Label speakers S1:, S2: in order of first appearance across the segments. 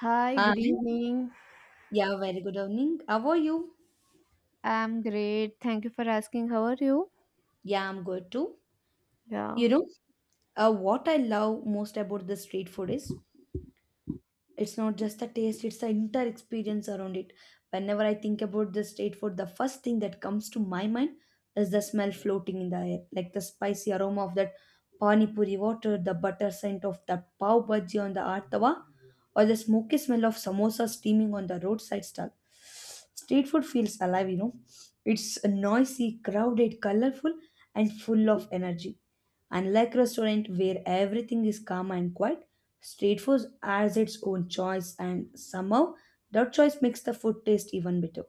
S1: Hi, good
S2: Hi.
S1: evening.
S2: Yeah, Very good evening. How are you?
S1: I'm great. Thank you for asking. How are you?
S2: Yeah, I'm good too.
S1: Yeah.
S2: You know, what I love most about the street food is it's not just the taste, it's the entire experience around it. Whenever I think about the street food, the first thing that comes to my mind is the smell floating in the air, like the spicy aroma of that pani puri water, the butter scent of the pav bhaji on the art tawa, or the smoky smell of samosa steaming on the roadside stall. Street food feels alive, you know. It's noisy, crowded, colorful, and full of energy. Unlike restaurant where everything is calm and quiet, street food has its own choice and somehow that choice makes the food taste even better.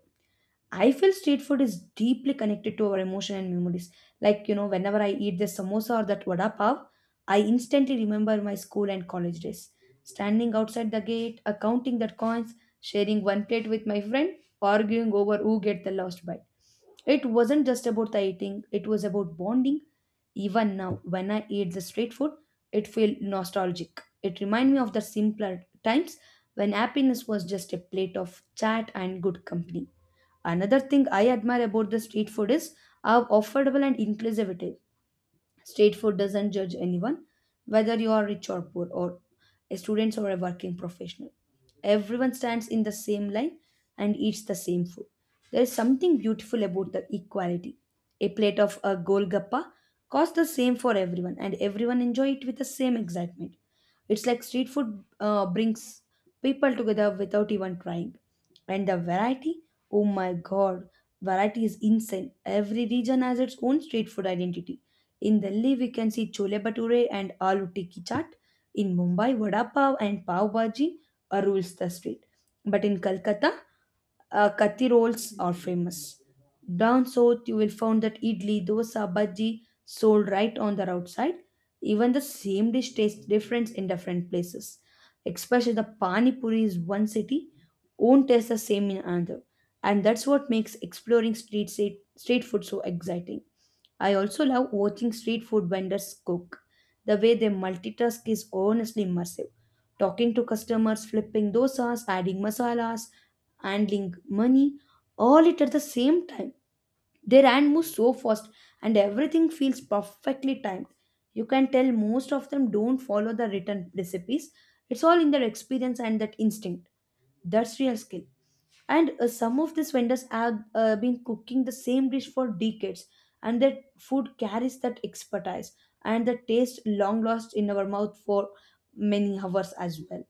S2: I feel street food is deeply connected to our emotion and memories. Like, you know, whenever I eat the samosa or that vada pav, I instantly remember my school and college days. Standing outside the gate, accounting that coins, sharing one plate with my friend, arguing over who get the last bite. It wasn't just about the eating, it was about bonding. Even now, when I eat the street food, it feels nostalgic. It reminds me of the simpler times when happiness was just a plate of chat and good company. Another thing I admire about the street food is how affordable and inclusive it is. Street food doesn't judge anyone, whether you are rich or poor, or a student or a working professional. Everyone stands in the same line and eats the same food. There is something beautiful about the equality. A plate of a golgappa costs the same for everyone, and everyone enjoy it with the same excitement. It's like street food brings people together without even trying. And the variety, oh my god, variety is insane. Every region has its own street food identity. In Delhi, we can see chole bhature and aloo tikki chaat. In Mumbai, vada pav and pav bhaji rules the street. But in Calcutta, kathi rolls are famous. Down south, you will find that idli, dosa, bhaji sold right on the roadside. Even the same dish tastes different in different places. Especially the pani puri is one city, won't taste the same in another, and that's what makes exploring street food so exciting. I also love watching street food vendors cook. The way they multitask is honestly immersive. Talking to customers, flipping dosas, adding masalas, handling money, all it at the same time. Their hand moves so fast and everything feels perfectly timed. You can tell most of them don't follow the written recipes. It's all in their experience and that instinct. That's real skill and some of these vendors have been cooking the same dish for decades and their food carries that expertise and the taste long lost in our mouth for many hours as well.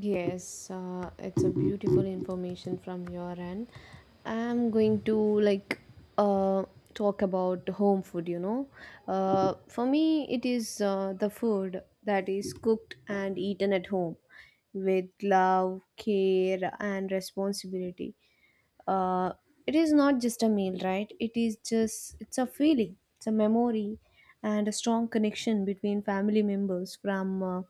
S1: Yes, it's a beautiful information from your end. I'm going to like uh, talk about home food, you know. For me, it is the food that is cooked and eaten at home with love, care, and responsibility. uh, it is not just a meal, right? It is just, it's a feeling, it's a memory and a strong connection between family members from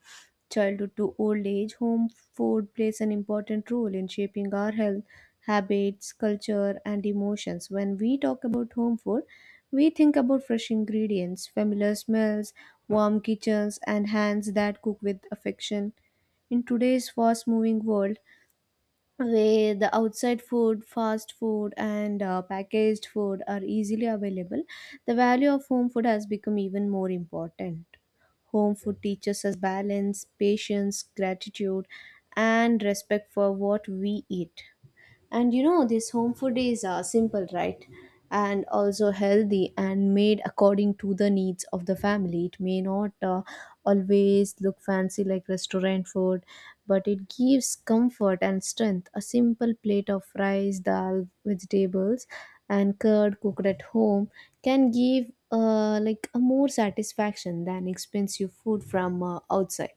S1: childhood to old age. Home food plays an important role in shaping our health, habits, culture, and emotions. When we talk about home food, we think about fresh ingredients, familiar smells, warm kitchens, and hands that cook with affection. In today's fast moving world, where the outside food, fast food, and packaged food are easily available, the value of home food has become even more important. Home food teaches us balance, patience, gratitude, and respect for what we eat. And you know, this home food is simple, right? And also healthy and made according to the needs of the family. It may not always look fancy like restaurant food, but it gives comfort and strength. A simple plate of rice, dal, vegetables, and curd cooked at home can give a more satisfaction than expensive food from outside.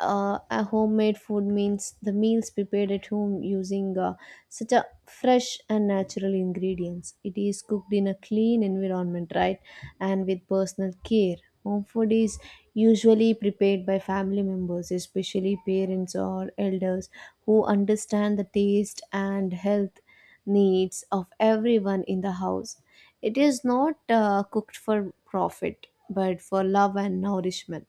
S1: A homemade food means the meals prepared at home using such a fresh and natural ingredients. It is cooked in a clean environment, right, and with personal care. Home food is usually prepared by family members, especially parents or elders, who understand the taste and health needs of everyone in the house. It is not cooked for profit, but for love and nourishment.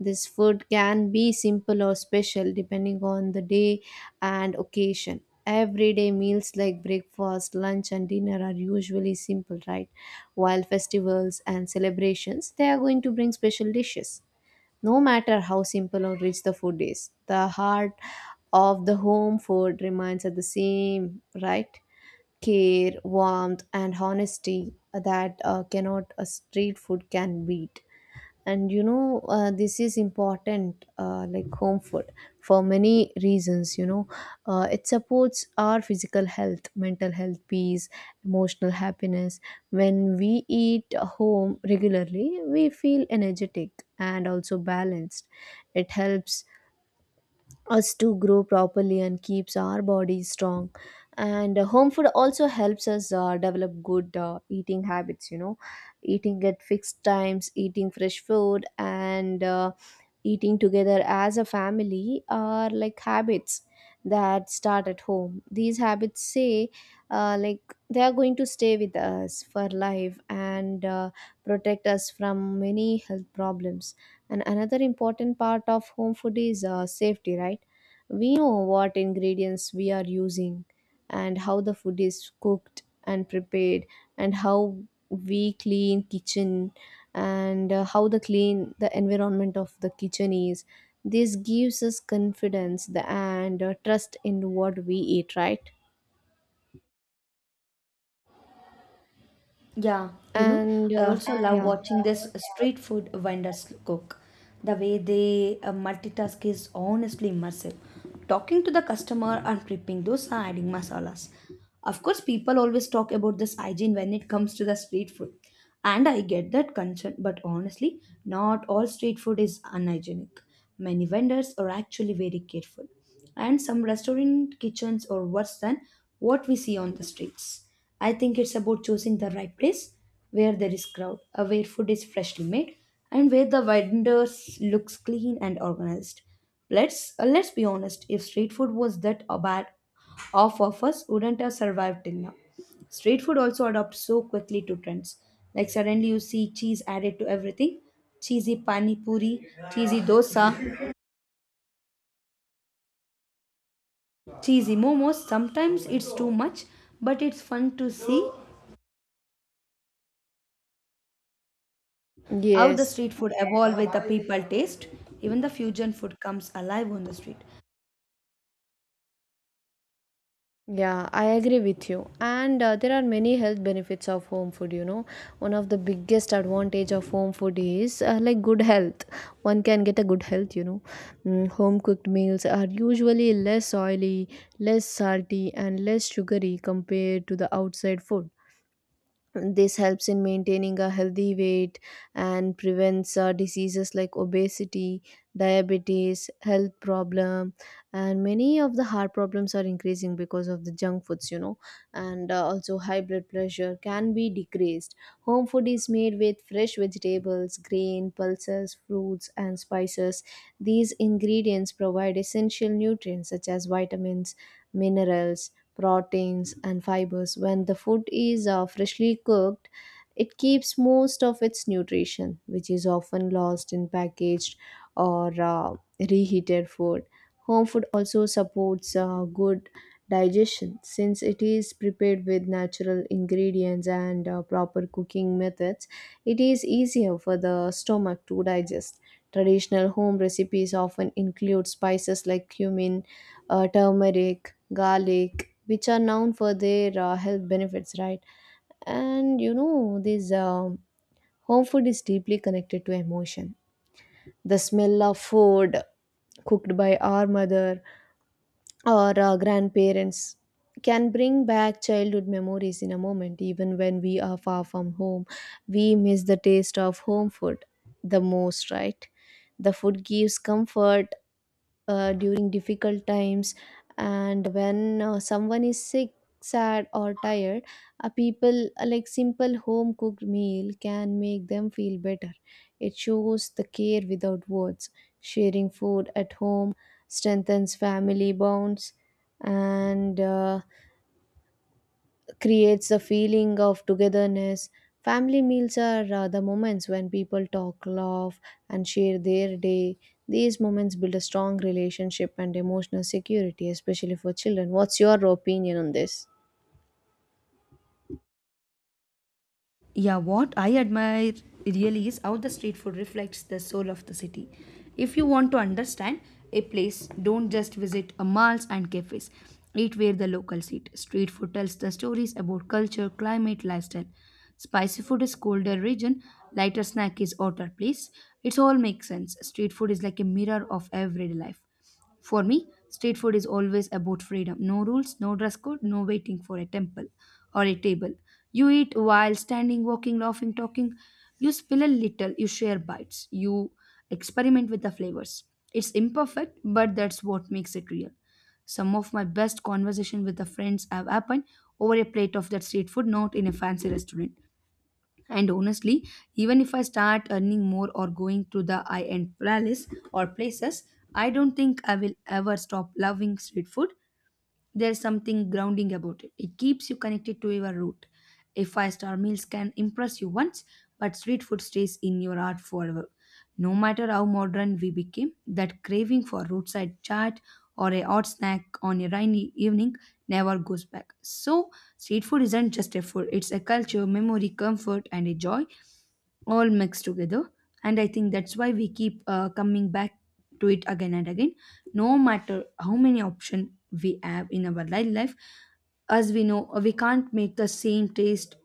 S1: This food can be simple or special depending on the day and occasion. Everyday meals like breakfast, lunch, and dinner are usually simple, right? While festivals and celebrations, they are going to bring special dishes. No matter how simple or rich the food is, the heart of the home food remains at the same, right? Care, warmth, and honesty that cannot a street food can beat. And you know, this is important, like home food, for many reasons, you know. It supports our physical health, mental health, peace, emotional happiness. When we eat home regularly, we feel energetic and also balanced. It helps us to grow properly and keeps our bodies strong. And home food also helps us develop good eating habits, you know. Eating at fixed times, eating fresh food, and eating together as a family are like habits that start at home. These habits say, they are going to stay with us for life, and protect us from many health problems. And another important part of home food is safety, right? We know what ingredients we are using, and how the food is cooked and prepared, and how we clean kitchen, and how the clean the environment of the kitchen is. This gives us confidence, and trust in what we eat, right?
S2: Yeah, you know,
S1: and
S2: I also love
S1: yeah
S2: watching this street food vendors cook. The way they multitask is honestly immersive. Talking to the customer and prepping those are adding masalas. Of course, people always talk about this hygiene when it comes to the street food. And I get that concern, but honestly, not all street food is unhygienic. Many vendors are actually very careful and some restaurant kitchens are worse than what we see on the streets. I think it's about choosing the right place where there is crowd, where food is freshly made, and where the vendors looks clean and organized. Let's be honest. If street food was that bad, half of us wouldn't have survived till now. Street food also adopts so quickly to trends. Like suddenly you see cheese added to everything, cheesy pani puri, cheesy dosa, cheesy momos. Sometimes it's too much, but it's fun to see how the
S1: yes
S2: street food evolve with the people taste. Even the fusion food comes alive on the street.
S1: Yeah, I agree with you. And there are many health benefits of home food, you know. One of the biggest advantage of home food is good health. One can get a good health, you know. Mm, home cooked meals are usually less oily, less salty, and less sugary compared to the outside food. This helps in maintaining a healthy weight and prevents diseases like obesity, diabetes, health problem, and many of the heart problems are increasing because of the junk foods, you know. And also high blood pressure can be decreased. Home food is made with fresh vegetables, grain, pulses, fruits, and spices. These ingredients provide essential nutrients such as vitamins, minerals, proteins, and fibers. When the food is freshly cooked, it keeps most of its nutrition, which is often lost in packaged or reheated food. Home food also supports good digestion. Since it is prepared with natural ingredients and proper cooking methods, it is easier for the stomach to digest. Traditional home recipes often include spices like cumin, turmeric, garlic, which are known for their health benefits, right? And you know, this home food is deeply connected to emotion. The smell of food cooked by our mother or our grandparents can bring back childhood memories in a moment, even when we are far from home. We miss the taste of home food the most, right? The food gives comfort during difficult times. And when someone is sick, sad, or tired, a simple home cooked meal can make them feel better. It shows the care without words. Sharing food at home strengthens family bonds and creates a feeling of togetherness. Family meals are the moments when people talk, laugh, and share their day. These moments build a strong relationship and emotional security, especially for children. What's your opinion on this?
S2: Yeah, what I admire really is how the street food reflects the soul of the city. If you want to understand a place, don't just visit a malls and cafes. Eat where the locals eat. Street food tells the stories about culture, climate, lifestyle. Spicy food is colder region, lighter snack is hotter place. It all makes sense. Street food is like a mirror of everyday life. For me, street food is always about freedom. No rules, no dress code, no waiting for a temple or a table. You eat while standing, walking, laughing, talking. You spill a little, you share bites, you experiment with the flavors. It's imperfect, but that's what makes it real. Some of my best conversation with the friends have happened over a plate of that street food, not in a fancy restaurant. And honestly, even if I start earning more or going to the high end palace or places, I don't think I will ever stop loving street food. There's something grounding about it. It keeps you connected to your root. A five-star meals can impress you once, but street food stays in your heart forever. No matter how modern we became, that craving for roadside chat or a hot snack on a rainy evening never goes back. So, street food isn't just a food, it's a culture, memory, comfort, and a joy all mixed together, and I think that's why we keep coming back to it again and again, no matter how many options we have in our life. As we know, we can't make the same taste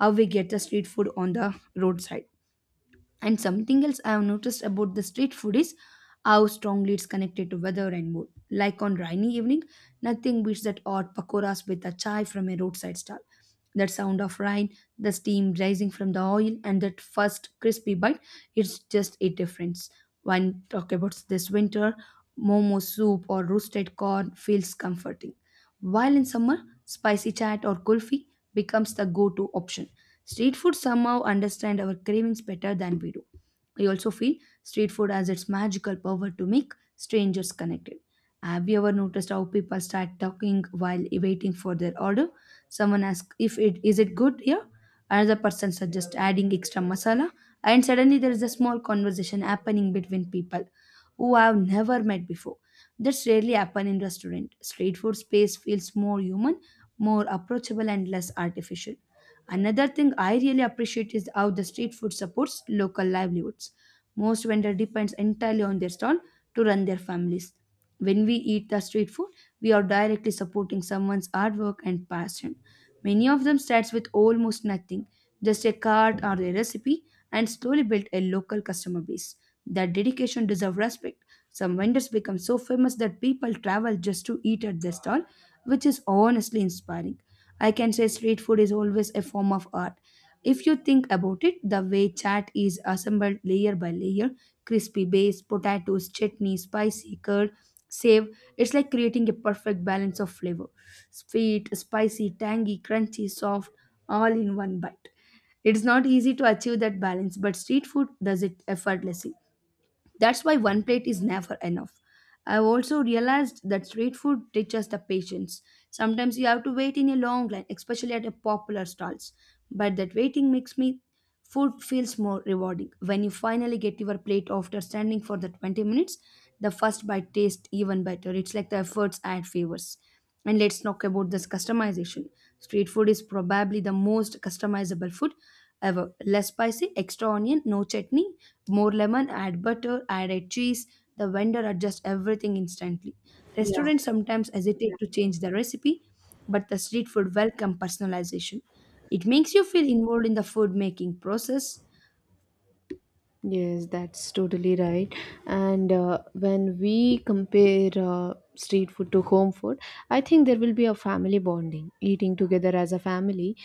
S2: how we get the street food on the roadside. And something else I have noticed about the street food is how strongly it's connected to weather and mood. Like on rainy evening, nothing beats that hot pakoras with a chai from a roadside stall. That sound of rain, the steam rising from the oil, and that first crispy bite, it's just a difference. When talk about this winter, momo soup or roasted corn feels comforting. While in summer, spicy chat or kulfi becomes the go-to option. Street food somehow understand our cravings better than we do. I also feel street food has its magical power to make strangers connected. Have you ever noticed how people start talking while waiting for their order? Someone asks if it is it good here. Another person suggests adding extra masala, and suddenly there is a small conversation happening between people who I have never met before. That's rarely happen in restaurant. Street food space feels more human, more approachable, and less artificial. Another thing I really appreciate is how the street food supports local livelihoods. Most vendors depends entirely on their stall to run their families. When we eat the street food, we are directly supporting someone's hard work and passion. Many of them starts with almost nothing, just a cart or a recipe, and slowly build a local customer base. That dedication deserves respect. Some vendors become so famous that people travel just to eat at their stall, which is honestly inspiring. I can say street food is always a form of art. If you think about it, the way chat is assembled layer by layer, crispy base, potatoes, chutney, spicy curd, save, it's like creating a perfect balance of flavor. Sweet, spicy, tangy, crunchy, soft, all in one bite. It's not easy to achieve that balance, but street food does it effortlessly. That's why one plate is never enough. I've also realized that street food teaches the patience. Sometimes you have to wait in a long line, especially at a popular stalls. But that waiting makes me food feels more rewarding. When you finally get your plate after standing for the 20 minutes, the first bite tastes even better. It's like the efforts add favors. And let's talk about this customization. Street food is probably the most customizable food ever. Less spicy, extra onion, no chutney, more lemon, add butter, add a cheese. The vendor adjusts everything instantly.
S1: Yeah,
S2: Restaurants sometimes hesitate to change the recipe, but the street food welcome personalization. It makes you feel involved in the food making process.
S1: yes, that's totally right. And when we compare street food to home food, I think there will be a family bonding. Eating together as a family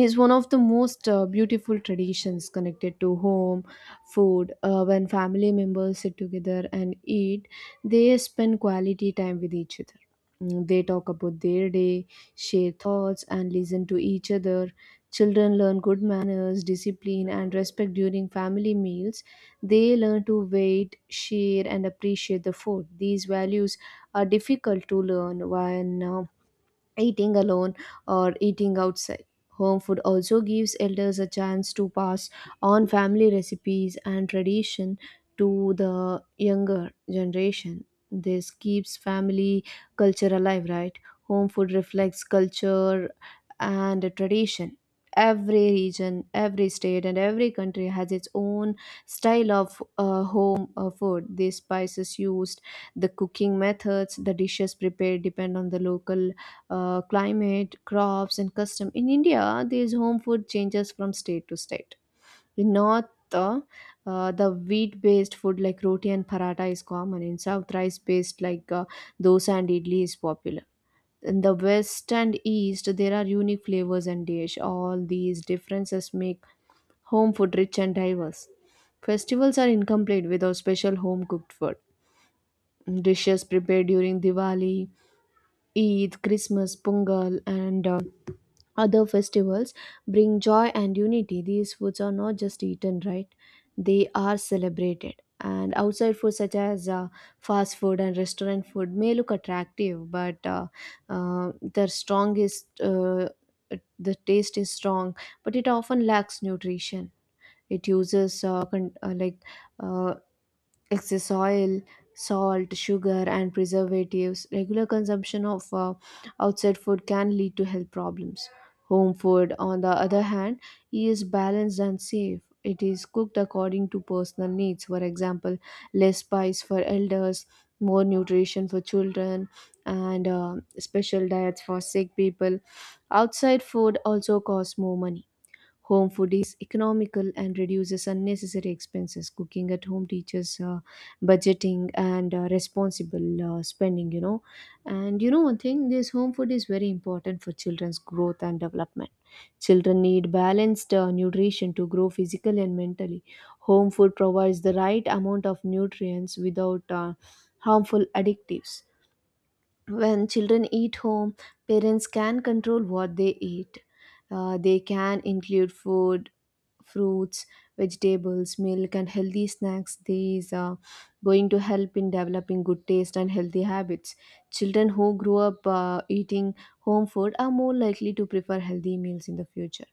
S1: is one of the most beautiful traditions connected to home food. When family members sit together and eat, they spend quality time with each other. Mm, they talk about their day, share thoughts, and listen to each other. Children learn good manners, discipline, and respect during family meals. They learn to wait, share, and appreciate the food. These values are difficult to learn when eating alone or eating outside. Home food also gives elders a chance to pass on family recipes and tradition to the younger generation. This keeps family culture alive, right? Home food reflects culture and tradition. Every region, every state, and every country has its own style of home food. The spices used, the cooking methods, the dishes prepared depend on the local climate, crops, and custom. In India, these home food changes from state to state. In North, uh, the wheat-based food like roti and paratha is common. In South, rice-based like dosa and idli is popular. In the West and East, there are unique flavors and dish. All these differences make home food rich and diverse. Festivals are incomplete without special home cooked food. Dishes prepared during Diwali, Eid, Christmas, Pongal, and other festivals bring joy and unity. These foods are not just eaten, right? They are celebrated. And outside food, such as fast food and restaurant food, may look attractive, but their strongest, the taste is strong, but it often lacks nutrition. It uses uh, excess oil, salt, sugar, and preservatives. Regular consumption of outside food can lead to health problems. Home food, on the other hand, is balanced and safe. It is cooked according to personal needs. For example, less spice for elders, more nutrition for children, and special diets for sick people. Outside food also costs more money. Home food is economical and reduces unnecessary expenses. Cooking at home teaches budgeting and responsible spending, you know. And you know, one thing, this home food is very important for children's growth and development. Children need balanced nutrition to grow physically and mentally. Home food provides the right amount of nutrients without harmful additives. When children eat home, parents can control what they eat. They can include food, fruits, vegetables, milk, and healthy snacks. These are going to help in developing good taste and healthy habits. Children who grow up eating home food are more likely to prefer healthy meals in the future.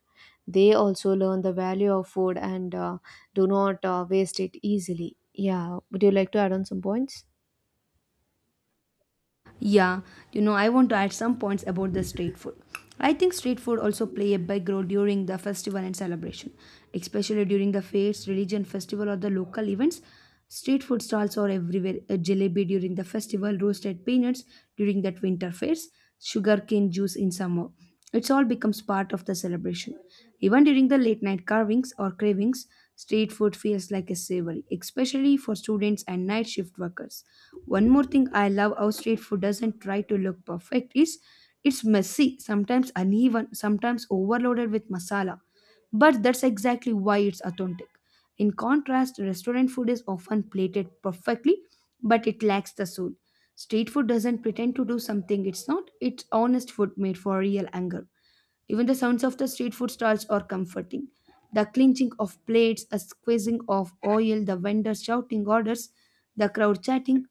S1: They also learn the value of food and do not waste it easily. Yeah, would you like to add on some points?
S2: Yeah, you know, I want to add some points about the street food. I think street food also play a big role during the festival and celebration, especially during the fairs, religion festival or the local events. Street food stalls are everywhere. A jalebi during the festival, roasted peanuts during that winter fairs, sugarcane juice in summer. It's all becomes part of the celebration. Even during the late night carvings or cravings, street food feels like a savory, especially for students and night shift workers. One more thing I love how street food doesn't try to look perfect is it's messy, sometimes uneven, sometimes overloaded with masala. But that's exactly why it's authentic. In contrast, restaurant food is often plated perfectly, but it lacks the soul. Street food doesn't pretend to do something it's not, it's honest food made for real anger. Even the sounds of the street food stalls are comforting. The clinching of plates, a squeezing of oil, the vendors shouting orders, the crowd chatting,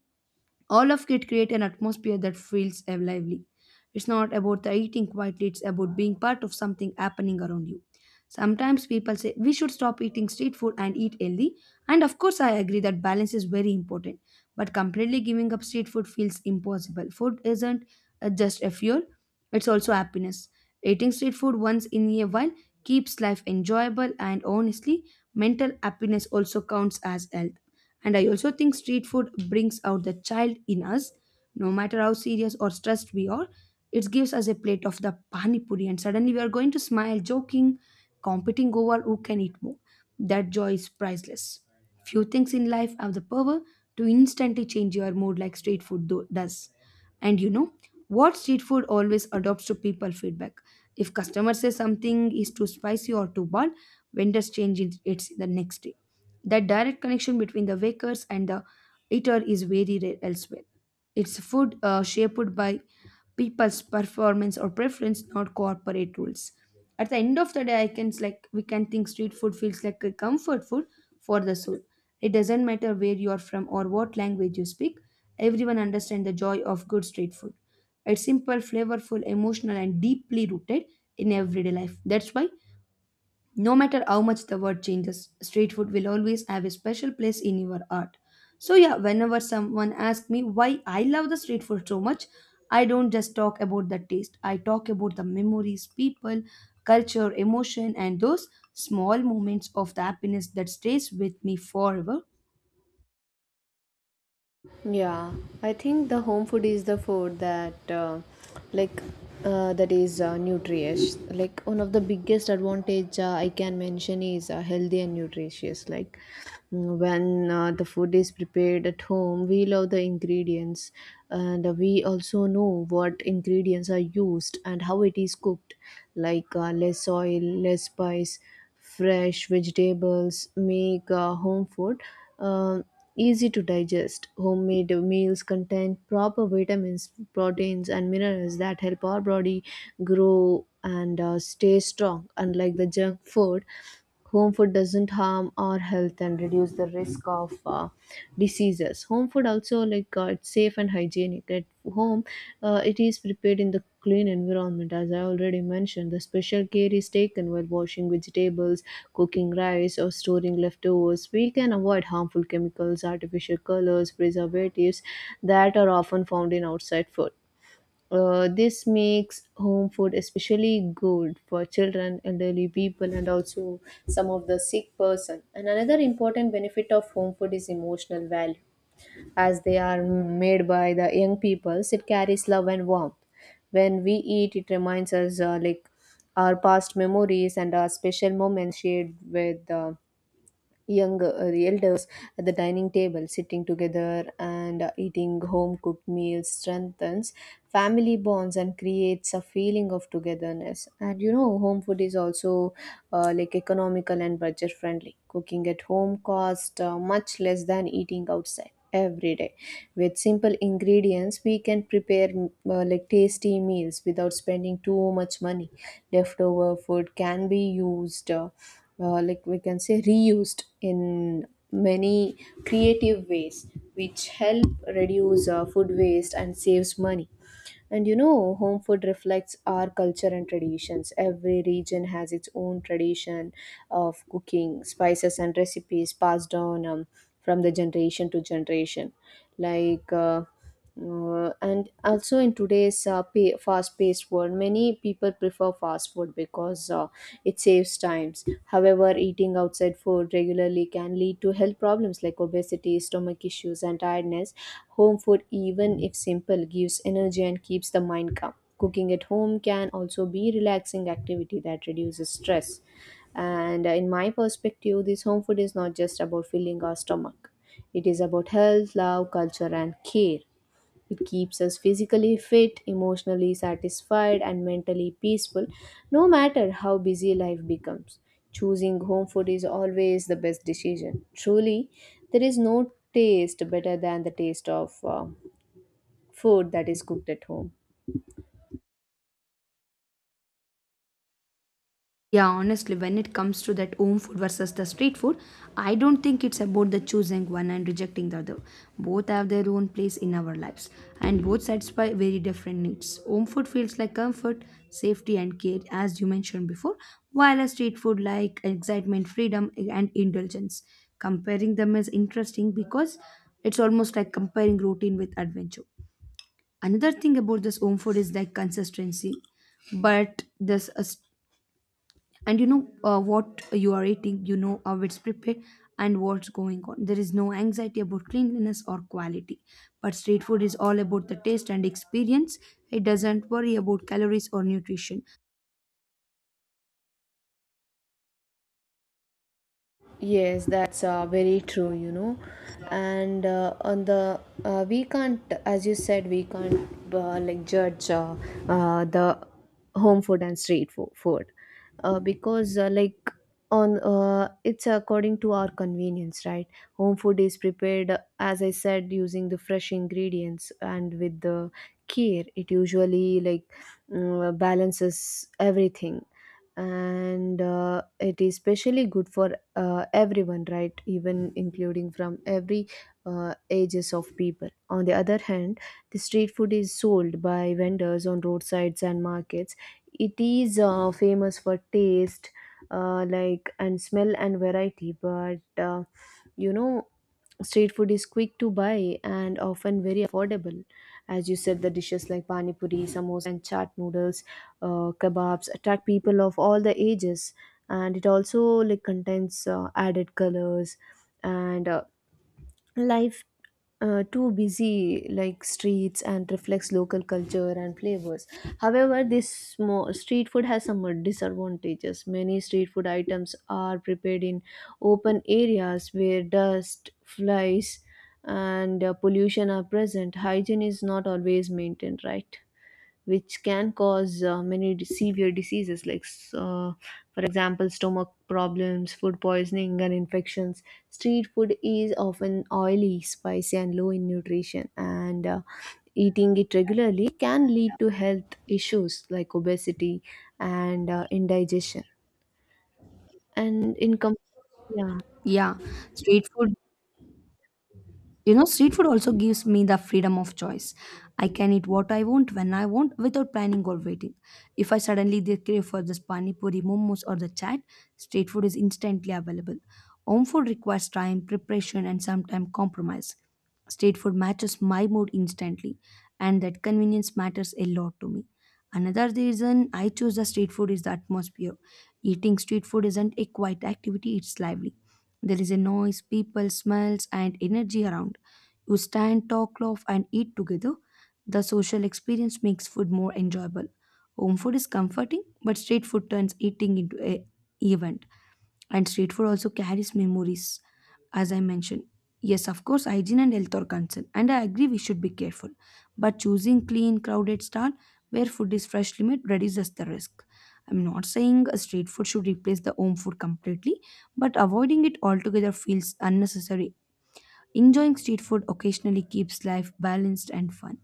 S2: all of it create an atmosphere that feels lively. It's not about the eating quietly, it's about being part of something happening around you. Sometimes people say we should stop eating street food and eat healthy, and of course I agree that balance is very important, but completely giving up street food feels impossible. Food isn't just a fuel, it's also happiness. Eating street food once in a while keeps life enjoyable, and honestly, mental happiness also counts as health. And I also think street food brings out the child in us. No matter how serious or stressed we are, it gives us a plate of the pani puri, and suddenly we are going to smile, joking, competing over who can eat more. That joy is priceless. Few things in life have the power to instantly change your mood like street food does. And you know what, street food always adopts to people feedback. If customer says something is too spicy or too bad, vendors change it it's the next day. That direct connection between the bakers and the eater is very rare elsewhere. It's food shaped by people's performance or preference, not corporate rules. At the end of the day, I can like we can think street food feels like a comfort food for the soul. It doesn't matter where you are from or what language you speak. Everyone understands the joy of good street food. It's simple, flavorful, emotional, and deeply rooted in everyday life. That's why no matter how much the world changes, street food will always have a special place in your heart. So, yeah, whenever someone asks me why I love the street food so much, I don't just talk about the taste, I talk about the memories, people, culture, emotion, and those small moments of the happiness that stays with me forever.
S1: Yeah, I think the home food is the food that, like, that is nutritious. Like one of the biggest advantage I can mention is healthy and nutritious. Like mm, when the food is prepared at home, we love the ingredients, and we also know what ingredients are used and how it is cooked. Like less oil, less spice. Fresh vegetables make home food uh, easy to digest. Homemade meals contain proper vitamins, proteins, and minerals that help our body grow and stay strong. Unlike the junk food, home food doesn't harm our health and reduce the risk of diseases. Home food also, it's safe and hygienic. At home, it is prepared in the clean environment. As I already mentioned, the special care is taken while washing vegetables, cooking rice, or storing leftovers. We can avoid harmful chemicals, artificial colors, preservatives that are often found in outside food. This makes home food especially good for children, elderly people, and also some of the sick person. And another important benefit of home food is emotional value, as they are made by the young peoples. It carries love and warmth. When we eat, it reminds us our past memories and our special moments shared with young the elders at the dining table sitting together and eating home cooked meals strengthens family bonds and creates a feeling of togetherness. And you know, home food is also economical and budget friendly. Cooking at home costs much less than eating outside every day. With simple ingredients, we can prepare tasty meals without spending too much money. Leftover food can be used, we can say, reused in many creative ways, which help reduce food waste and saves money. And you know, home food reflects our culture and traditions. Every region has its own tradition of cooking, spices, and recipes passed on from the generation to generation. Like, uh, and also in today's fast-paced world, many people prefer fast food because it saves times. However, eating outside food regularly can lead to health problems like obesity, stomach issues, and tiredness. Home food, even if simple, gives energy and keeps the mind calm. Cooking at home can also be relaxing activity that reduces stress. And in my perspective, this home food is not just about filling our stomach. It is about health, love, culture, and care. It keeps us physically fit, emotionally satisfied, and mentally peaceful, no matter how busy life becomes. Choosing home food is always the best decision. Truly, there is no taste better than the taste of food that is cooked at home.
S2: Yeah, honestly, when it comes to that home food versus the street food, I don't think it's about the choosing one and rejecting the other. Both have their own place in our lives, and both satisfy very different needs. Home food feels like comfort, safety, and care, as you mentioned before, while a street food like excitement, freedom, and indulgence. Comparing them is interesting because it's almost like comparing routine with adventure. Another thing about this home food is like consistency, but and you know what you are eating, you know how it's prepared and what's going on. There is no anxiety about cleanliness or quality, but street food is all about the taste and experience. It doesn't worry about calories or nutrition.
S1: Yes, that's very true, you know. And on the we can't, as you said, we can't judge the home food and food, because like on it's according to our convenience, right? Home food is prepared, as I said, using the fresh ingredients and with the care. It usually like balances everything, and it is especially good for everyone, right, even including from every ages of people. On the other hand, the street food is sold by vendors on roadsides and markets. It is famous for taste, and smell and variety, but you know street food is quick to buy and often very affordable. As you said, the dishes like pani puri, samosa, and chaat noodles, kebabs attract people of all the ages, and it also like contains added colors and life too busy like streets and reflects local culture and flavors. However, this small street food has some disadvantages. Many street food items are prepared in open areas where dust flies and pollution are present. Hygiene is not always maintained, right, which can cause severe diseases like for example stomach problems, food poisoning, and infections. Street food is often oily, spicy, and low in nutrition, and eating it regularly can lead to health issues like obesity and indigestion and income, yeah.
S2: Yeah, street food. You know, street food also gives me the freedom of choice. I can eat what I want when I want without planning or waiting. If I suddenly did crave for this pani puri, momos, or the chat, street food is instantly available. Home food requires time, preparation, and sometimes compromise. Street food matches my mood instantly, and that convenience matters a lot to me. Another reason I choose the street food is the atmosphere. Eating street food isn't a quiet activity, it's lively. There is a noise, people, smells, and energy around. You stand, talk, laugh, and eat together. The social experience makes food more enjoyable. Home food is comforting, but street food turns eating into a event. And street food also carries memories, as I mentioned. Yes, of course, hygiene and health are concerned, and I agree we should be careful. But choosing clean, crowded stall where food is freshly made reduces the risk. I'm not saying a street food should replace the home food completely, but avoiding it altogether feels unnecessary. Enjoying street food occasionally keeps life balanced and fun.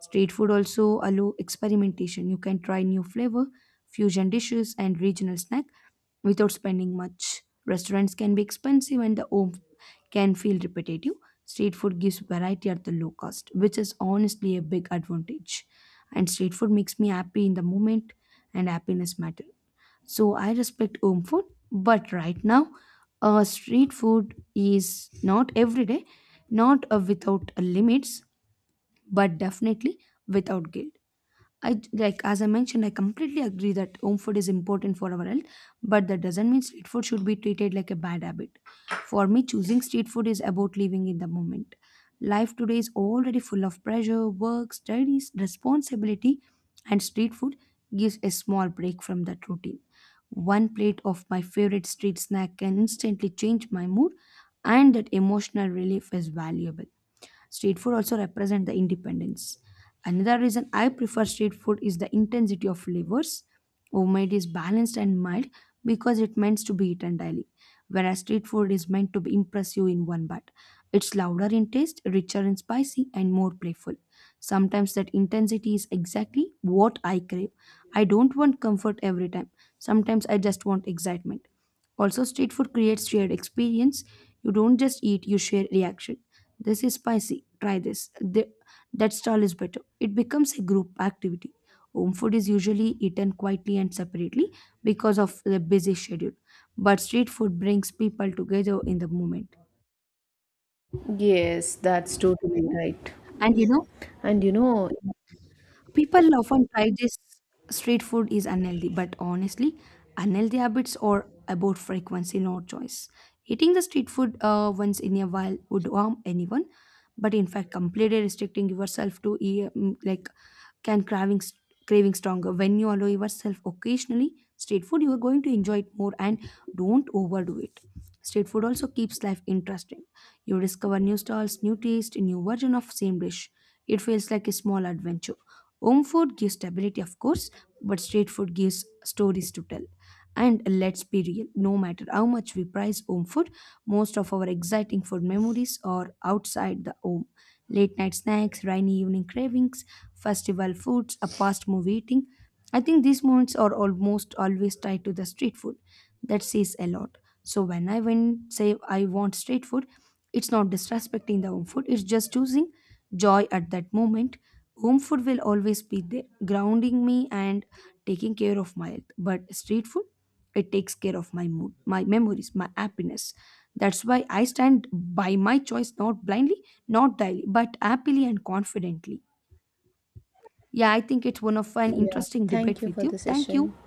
S2: Street food also allow experimentation. You can try new flavor, fusion dishes, and regional snacks without spending much. Restaurants can be expensive and the home can feel repetitive. Street food gives variety at the low cost, which is honestly a big advantage. And street food makes me happy in the moment, and happiness matters. So I respect home food, but right now, street food is not every day, not without limits, but definitely without guilt. Like as I mentioned, I completely agree that home food is important for our health, but that doesn't mean street food should be treated like a bad habit. For me, choosing street food is about living in the moment. Life today is already full of pressure, work, studies, responsibility, and street food gives a small break from that routine. One plate of my favorite street snack can instantly change my mood, and that emotional relief is valuable. Street food also represent the independence. Another reason I prefer street food is the intensity of flavors. Homemade is balanced and mild because it meant to be eaten daily, whereas street food is meant to be impressive in one bite. It's louder in taste, richer in spicy, and more playful. Sometimes that intensity is exactly what I crave. I don't want comfort every time. Sometimes I just want excitement. Also, street food creates shared experience. You don't just eat, you share reaction. This is spicy. Try this. The, that stall is better. It becomes a group activity. Home food is usually eaten quietly and separately because of the busy schedule. But street food brings people together in the moment.
S1: Yes, that's totally right.
S2: And you know,
S1: And you know,
S2: people often try this street food is unhealthy, but honestly, unhealthy habits are about frequency, not choice. Eating the street food once in a while would harm anyone, but in fact, completely restricting yourself to eat, mm, like can craving craving stronger. When you allow yourself occasionally street food, you are going to enjoy it more and don't overdo it. Street food also keeps life interesting. You discover new styles, new taste, new version of same dish. It feels like a small adventure. Home food gives stability of course, but street food gives stories to tell. And let's be real, no matter how much we prize home food, most of our exciting food memories are outside the home. Late night snacks, rainy evening cravings, festival foods, a past movie eating. I think these moments are almost always tied to the street food. That says a lot. So when I went say I want street food, it's not disrespecting the home food, it's just choosing joy at that moment. Home food will always be there, grounding me and taking care of my health. But street food? It takes care of my mood, my memories, my happiness. That's why I stand by my choice, not blindly, not daily, but happily and confidently. Yeah, I think it's one of an
S1: yeah,
S2: interesting
S1: thank
S2: debate
S1: you
S2: with
S1: for the
S2: you. Thank
S1: session.
S2: you.